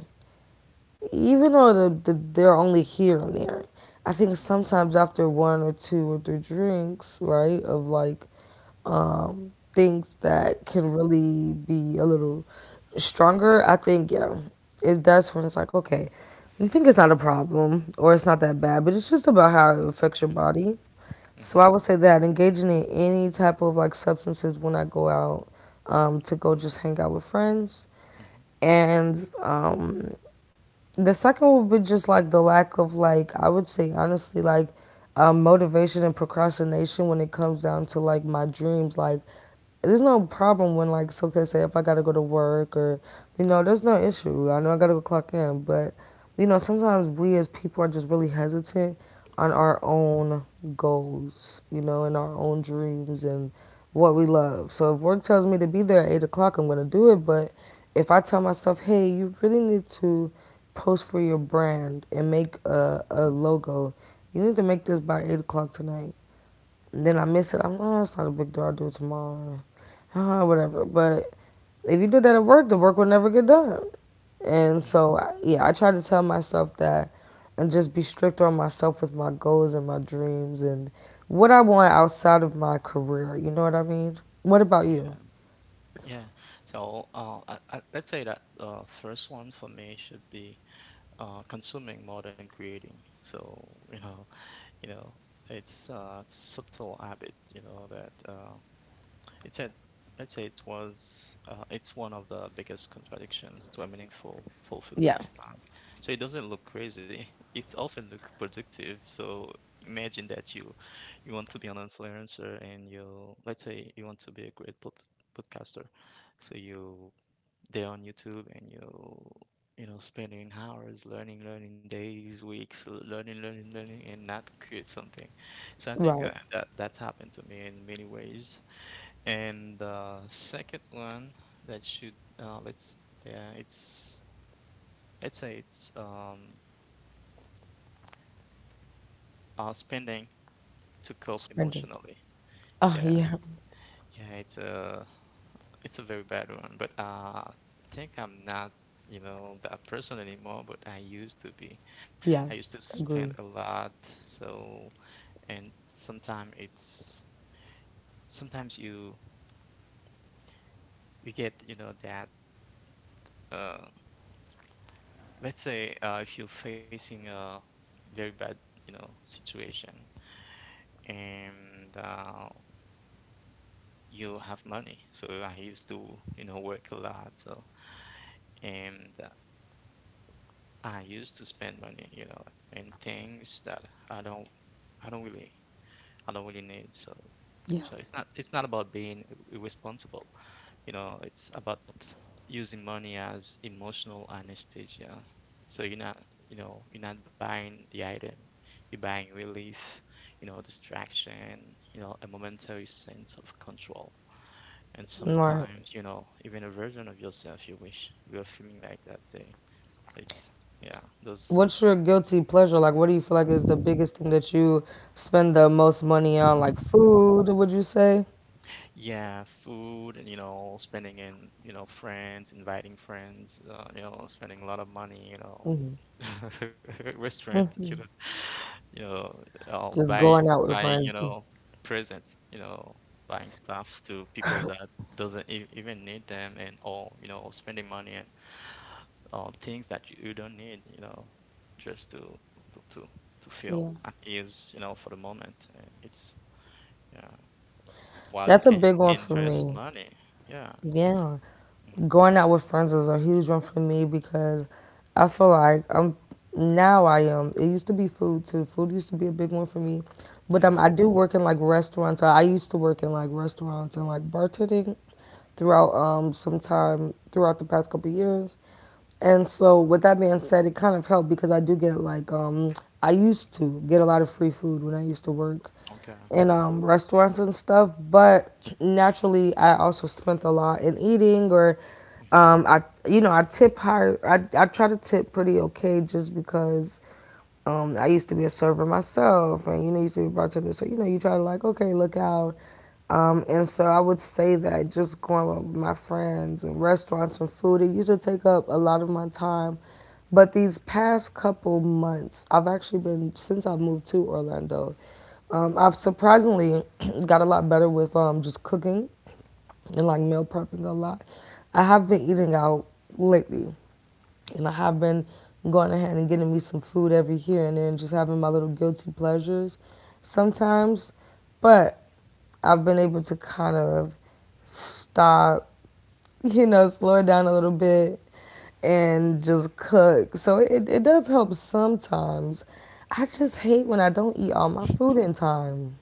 A: even though they're only here and there, I think
B: ano,
A: sometimes after one or two or three drinks, right, of like things that can really be a little stronger, I think, yeah, that's when it's like, okay, you think it's not a problem or it's not that bad, but it's just about how it affects your
B: mm,
A: body.
B: mhm,
A: So I would say that engaging in any type of like substances when I go out to go just hang out with friends
B: mhm,
A: and um, the second would be just like the lack of like I would say honestly like motivation and procrastination when it comes down to like my dreams. Like there's no problem when, like so Soka say if I gotta go to work or, you know, there's no issue. I know I gotta go clock in, but, you know, sometimes we as people are just really hesitant on our own goals, you know, and our own dreams and what we love. So if work tells me to be there at 8 o'clock, I'm gonna do it, but if I tell myself, hey, you really need to post for your brand and make
B: mhm,
A: a logo, you need to make this by 8 o'clock tonight. And then I miss it. I'm, like, oh, it's not a big deal. I'll do it tomorrow, whatever. But if you did that at work, the work would never get done. And
B: mm,
A: so, yeah, I try to tell myself that and just be strict on myself with my goals and my dreams and what I want outside of my career. You know what I mean? What about
B: yeah,
A: you?
B: yeah. So, let's say that first one for me should be consuming more than creating. So, you know, you know, it's subtle habit, you know, that It's a, let's say it was, it's one of the biggest contradictions to a meaningful, fulfilled
A: Yeah.
B: lifestyle. So it doesn't look crazy. *laughs* It often looks productive. So imagine you want to be an influencer and let's say you want to be a podcaster. So you, there on YouTube and you know, spending hours learning, learning days, weeks, learning, learning, learning, and not create something. So I think
A: Right.
B: that that's happened to me in many ways, and the second one that should let's yeah it's let's say it's spending to cope
A: Spending.
B: emotionally.
A: Oh,
B: Yeah,
A: yeah.
B: yeah, it's a very bad one, but I think I'm not you know that person anymore, but I used to be. I
A: Yeah.
B: used to spend a
A: Agree.
B: lot, so and sometimes you you get you know that. Uh, let's say if you're facing a very bad you know situation, and you have money, so I used to you know work a lot, so and I used to spend money you know in things that i don't i don't really I don't really need. So
A: Yeah.
B: so it's not, about being irresponsible. You know, it's about using money as emotional anesthesia. So you're not, you know, you're not buying the item. You're buying relief, you know, distraction, you know, a momentary sense of control. And
A: All right.
B: sometimes, you know, even a version of yourself you wish you were feeling like that day. So it's, yeah, those.
A: What's your guilty pleasure? Like, what do you feel like is the biggest thing that you spend the most money on? Like, food, would you say?
B: Yeah, food and you know, spending in, you know, friends, inviting friends, you know, spending a lot of money, you know,
A: Hmm.
B: *laughs* restaurant, you know, *laughs* you know,
A: Just going out with
B: buying, you
A: friends.
B: know, presents, you know, buying stuffs to people that doesn't e even need them, and all, you know, spending money and things that you don't need, you know, just to to to feel
A: Yeah,
B: at ease, you know, for the moment. And it's yeah. While you
A: that's a
B: can
A: big one for
B: invest
A: me.
B: money. Yeah, it's
A: Yeah,
B: mhm.
A: going out with friends is a huge one for me because I feel like I'm now I am. It used to be food too. Food used to be a big one for me, but
B: Yeah,
A: I do work in like restaurants. I used to work in like restaurants and like bartending throughout some time throughout the past couple years. And so, with that being said, it kind of helped because I do get like I used to get a lot of free food when I used to work
B: okay.
A: in restaurants and stuff. But naturally, I also spent a lot in eating, or
B: Mhm.
A: I you know I tip higher. I try to tip pretty okay just because I used to be a server myself, and you know used to be a bartender. So you know you try to like okay look out and so I would say that just going out with my friends and restaurants and food, it used to take up a lot of my time. But these past couple months, since I've moved to Orlando, I've surprisingly *clears throat* got a lot better with just cooking and like meal prepping a lot. I have been eating out lately and I have been going ahead and getting me some food every here and then, just having my little guilty pleasures sometimes. But I've been able to kind of stop, *laughs* you know, slow it down a little bit and just cook. So it does help sometimes. I just hate when I don't eat all my food in time.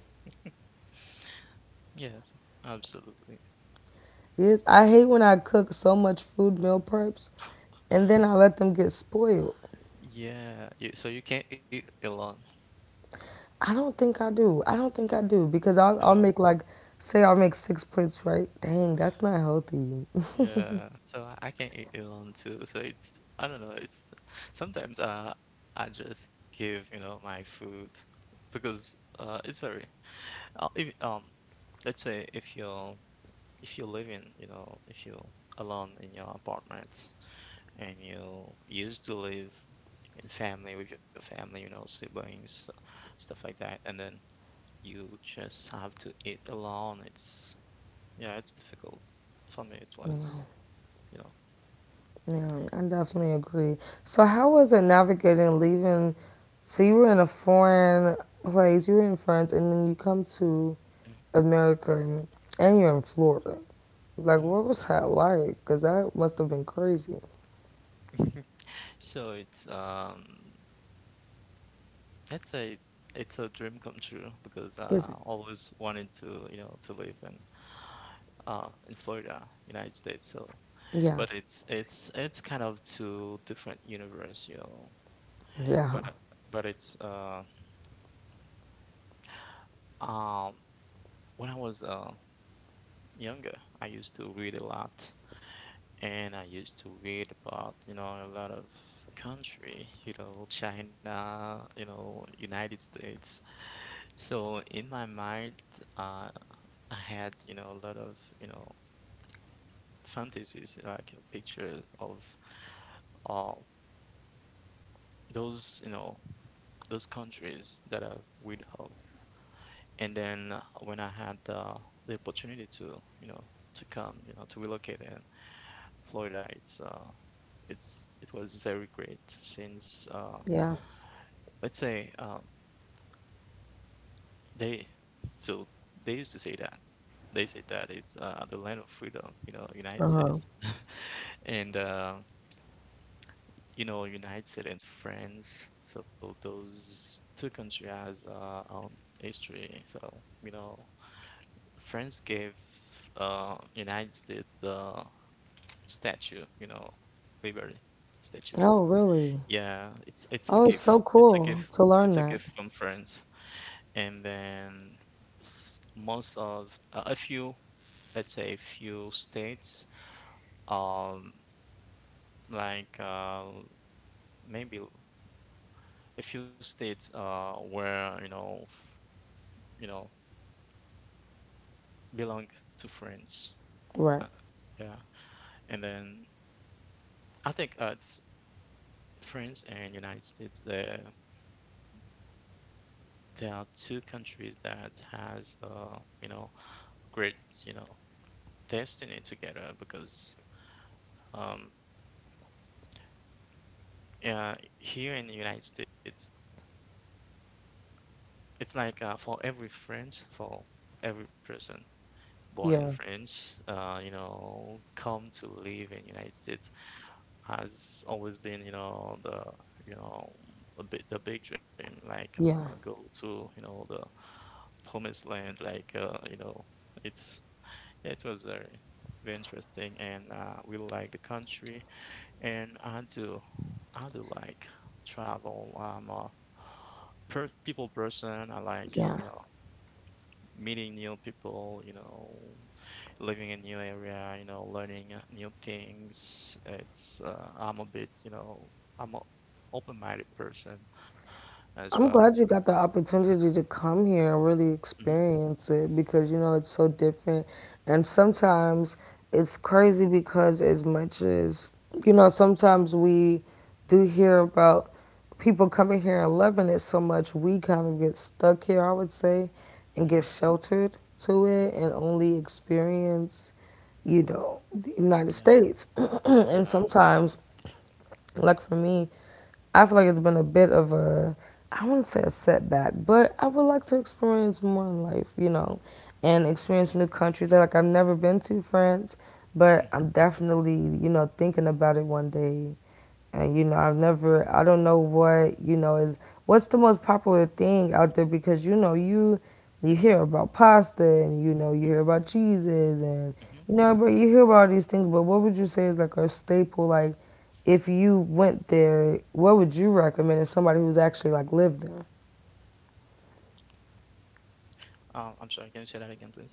B: Yes, absolutely.
A: Yes, I hate when I cook so much food meal preps and then I let them get spoiled.
B: Yeah, you, so you can't eat Elon.
A: I don't think I do because I'll
B: Oh,
A: make like, say I'll make six plates, right? Dang, that's not healthy.
B: yeah. So I can't eat Elon too. So it's I don't know. It's sometimes I just give you know my food because it's very if let's say if you're living you know if you're alone in your apartment, and you used to live in family with your family, you know, siblings, stuff like that, and then you just have to eat alone. It's yeah, it's difficult. For me, it was,
A: *laughs*
B: you know.
A: Yeah, I definitely agree. So how was it navigating leaving? So you were in a foreign place, you were in France, and then you come to America, and you're in Florida. Like,
B: Mhm.
A: what was that like? Because that must have been crazy.
B: So it's let's say it's a dream come true because I
A: Is it?
B: always wanted to, you know, to live in Florida, United States. So,
A: Yeah,
B: but it's kind of two different universe, you know.
A: yeah,
B: But but it's um when I was younger, I used to read a lot, and I used to read about you know a lot of country, you know China, you know United States. So in my mind, uh, I had you know a lot of you know fantasies like pictures of uh, those you know those countries that I would have. And then when I had the opportunity to, you know, to come, you know, to relocate in Florida, it's it was very great since
A: yeah.
B: let's say they so they used to say that they say that it's the land of freedom, you know, United
A: Uh huh.
B: States, *laughs* and you know, United States and France. So those two countries has history. So you know, Friends gave United States the statue, you know, Liberty statue.
A: Oh, really?
B: Yeah, it's a
A: Oh, it's
B: gift.
A: so
B: It's a
A: cool
B: gift.
A: to
B: It's a
A: learn
B: gift
A: that.
B: from friends. And then most of a few, let's say a few states, um, like uh, maybe a few states where you know you know belong to friends.
A: Right.
B: Uh, yeah, and then I think it's France and United States, there are two countries that has you know a great you know destiny together. Because um, Here in the United States, it's like for every French, for every person born in
A: Yeah.
B: France, come to live in United States has always been you know the you know a bit the big dream, like
A: Yeah.
B: go to the promised land, like you know it's Yeah, it was very interesting, and we like the country. And I do like travel. I'm a per people person. I like,
A: Yeah.
B: meeting new people. Living in new area. Learning new things. It's I'm a bit, I'm a open-minded person as
A: I'm
B: well.
A: glad you got the opportunity to come here and really
B: hmm
A: experience it because you know it's so different. And sometimes it's crazy because, as much as you know, sometimes we do hear about people coming here and loving it so much, we kind of get stuck here, I would say, and
B: hmm
A: get sheltered to it and only experience you know, the United
B: Yeah,
A: States. *clears throat* And
B: yeah.
A: sometimes, like for me, I feel like it's been a bit of a, I wouldn't say a setback, but I would like to experience more in life, you know, and experience new countries. Like I've never been to France, but I'm
B: hmm
A: definitely, you know, thinking about it one day and you know, I don't know what, you know, is what's the most popular thing out there because you know, you hear about pasta and you know, you
B: hmm
A: hear about cheeses and
B: hmm
A: you know, but you hear about all these things, but what would you say is like a staple like if you went there, what would you recommend as somebody who's actually like lived there?
B: I'm sorry. Can you say that again, please?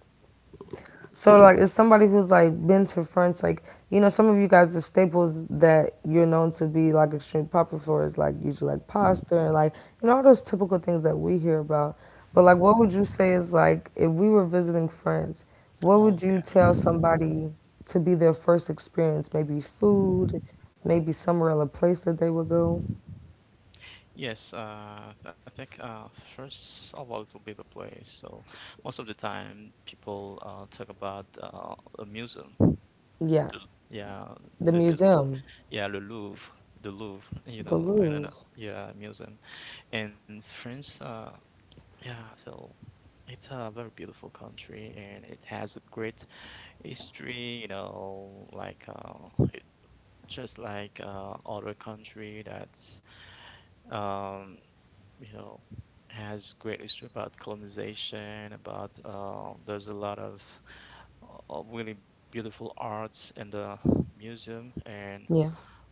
A: So like as somebody who's like been to France, like you know, some of you guys the staples that you're known to be like extremely popular for is like usually like pasta and like you know all those typical things that we hear about. But like what would you say is like if we were visiting France, what would you tell somebody to be their first experience? Maybe food, maybe somewhere or a place that they would go?
B: Yes, I think first of all, it will be the place. So most of the time, people talk about a museum.
A: Yeah.
B: The, yeah,
A: The
B: they said
A: museum.
B: yeah, the Louvre. *laughs* You
A: The
B: know, I don't know.
A: Louvre.
B: Yeah, museum. And France, yeah, so it's a very beautiful country and it has a great history. You know, like it, just like other country that um, you know, has great history about colonization, about there's a lot of really beautiful arts in the museum, and
A: Yeah.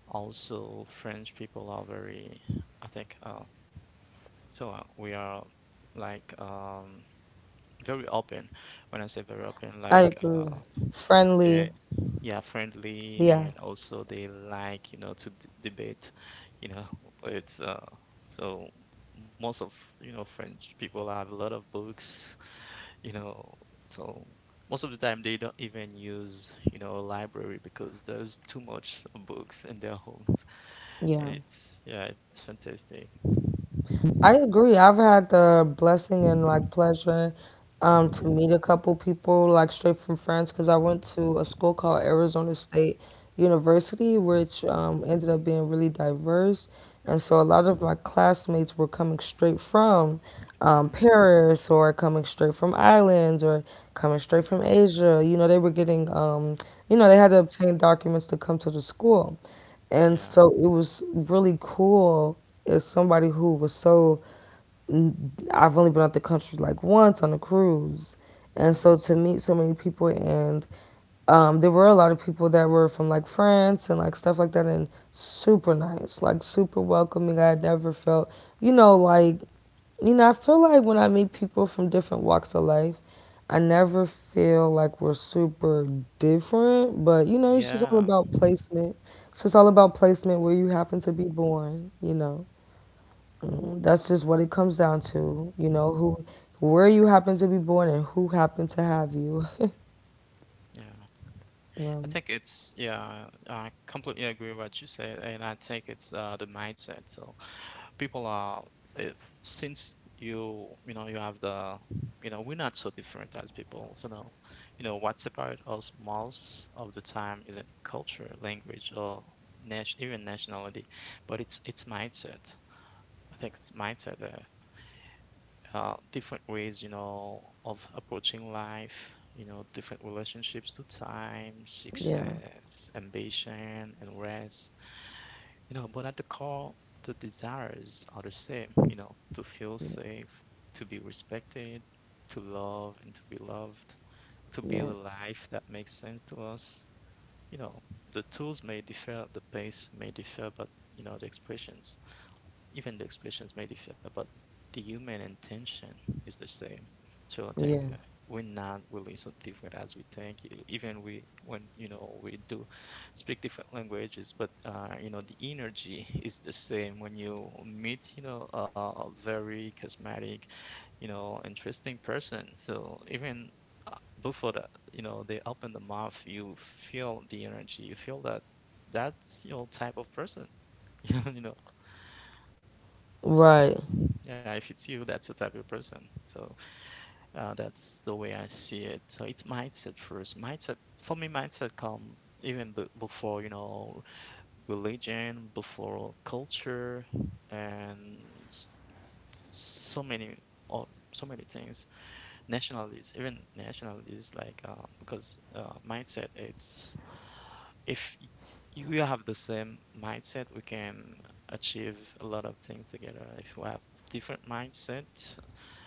B: also French people are very, I think, we are like very open. When I say very open,
A: I
B: like
A: agree. Friendly.
B: they yeah, friendly,
A: Yeah.
B: and also they like, you know, to debate, you know. *laughs* it's so Most of, you know, French people have a lot of books, you know. So most of the time they don't even use, you know, a library because there's too much books in their *laughs* homes, and
A: Yeah.
B: it's yeah, it's fantastic.
A: I agree. I've had the blessing and like pleasure to meet a couple people like straight from France because I went to a school called Arizona State University, which ended up being really diverse. And so a lot of my classmates were coming straight from
B: hmm
A: Paris or coming straight from islands or coming straight from
B: okay.
A: Asia. You know, they were getting, you know, they had to obtain documents to come to the school. And
B: yeah
A: so it was really cool is somebody who was so I've only been out the country like once on a cruise. And
B: hmm
A: so to meet so many people, and there were a lot of people that were from like France and like stuff like that, and super nice, like super welcoming. I had never felt, you know, like, you know, I feel like when I meet people from different walks of life, I never feel like we're super different, but you know, it's just all
B: yeah,
A: about placement. So it's all about placement where you happen to be born, you know. That's just what it comes down to, you know, who, where you happen to be born and who happen to have you.
B: yeah. I
A: Um,
B: think it's Yeah, I completely agree with what you said, and I think it's the mindset. So people are if, Since you know, you have the, you know, we're not so different as people. So now, you know, what separates us most of the time isn't culture, language, or nation, even nationality, but it's mindset. I think it's mindset. Different ways, you know, of approaching life, you know, different relationships to time,
A: yeah,
B: success, ambition, and rest, you know. But at the core, the desires are the same, you know: to feel safe, to be respected, to love and to be loved, to build
A: yeah,
B: a life that makes sense to us. You know, the tools may differ, the pace may differ, but, you know, the expressions. Even the expressions may differ, but the human intention is the same. So I think
A: yeah.
B: we're not really so different as we think. Even we, when, you know, we do speak different languages, but, you know, the energy *laughs* is the same. When you meet, you know, a very charismatic, you know, interesting person, so even uh, before that, you know, they open the mouth, you feel the energy, you feel that that's, you know, type of person. *laughs* you know,
A: Right.
B: yeah, if it's you, that's the type of person. So that's the way I see it. So it's mindset first. Mindset, for me, mindset come even before, you know, religion, before culture, and s- so many or so many things. Nationalities, even nationalities, like because mindset. It's if y- You have the same mindset, we can achieve a lot of things together. If we have different mindset,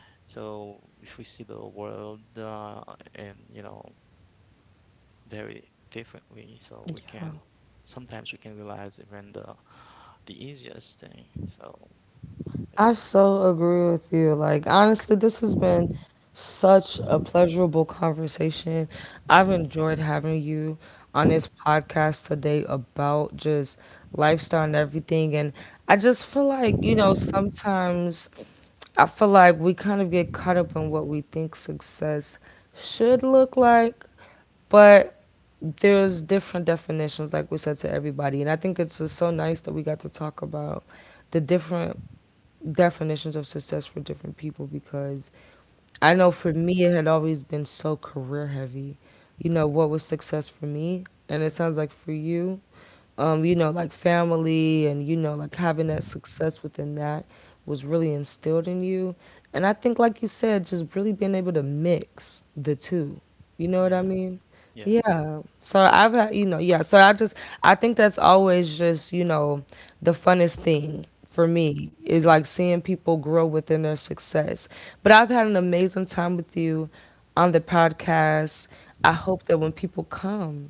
B: so if we see the world and, you know, very differently, so we
A: Yeah.
B: can sometimes we can realize even the easiest thing. So
A: I
B: it's
A: so agree with you. Like, honestly, this has been such a pleasurable conversation. I've enjoyed having you on this podcast today about just lifestyle and everything. And I just feel like, you know, sometimes I feel like we kind of get caught up in what we think success should look like, but there's different definitions, like we said to everybody. And I think it's just so nice that we got to talk about the different definitions of success for different people because I know for me, it had always been so career heavy. You know, what was success for me? And it sounds like for you,
B: mm,
A: you know, like family and, you know, like having that success within that was really instilled in you. And I think, like you said, just really being able to mix the two. You know what
B: yeah,
A: I mean?
B: yes,
A: Yeah. So I've had, you know, yeah. So I just, I think that's always just, you know, the funnest thing for me is like seeing people grow within their success. But I've had an amazing time with you on the podcast. I hope that when people come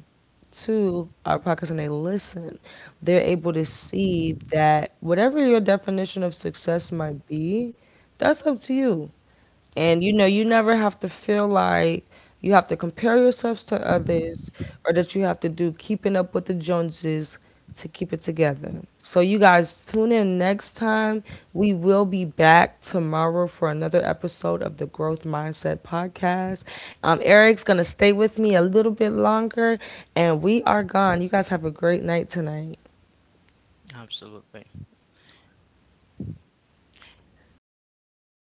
A: to our podcast and they listen, they're able to see that whatever your definition of success might be, that's up to you.
B: mhm,
A: And you know, you never have to feel like you have to compare yourselves to others or that you have to do keeping up with the Joneses to keep it together. So, you guys tune in next time. We will be back tomorrow for another episode of the Growth Mindset Podcast. Eric's going to stay with me a little bit longer, and we are gone. You guys have a great night tonight.
B: absolutely.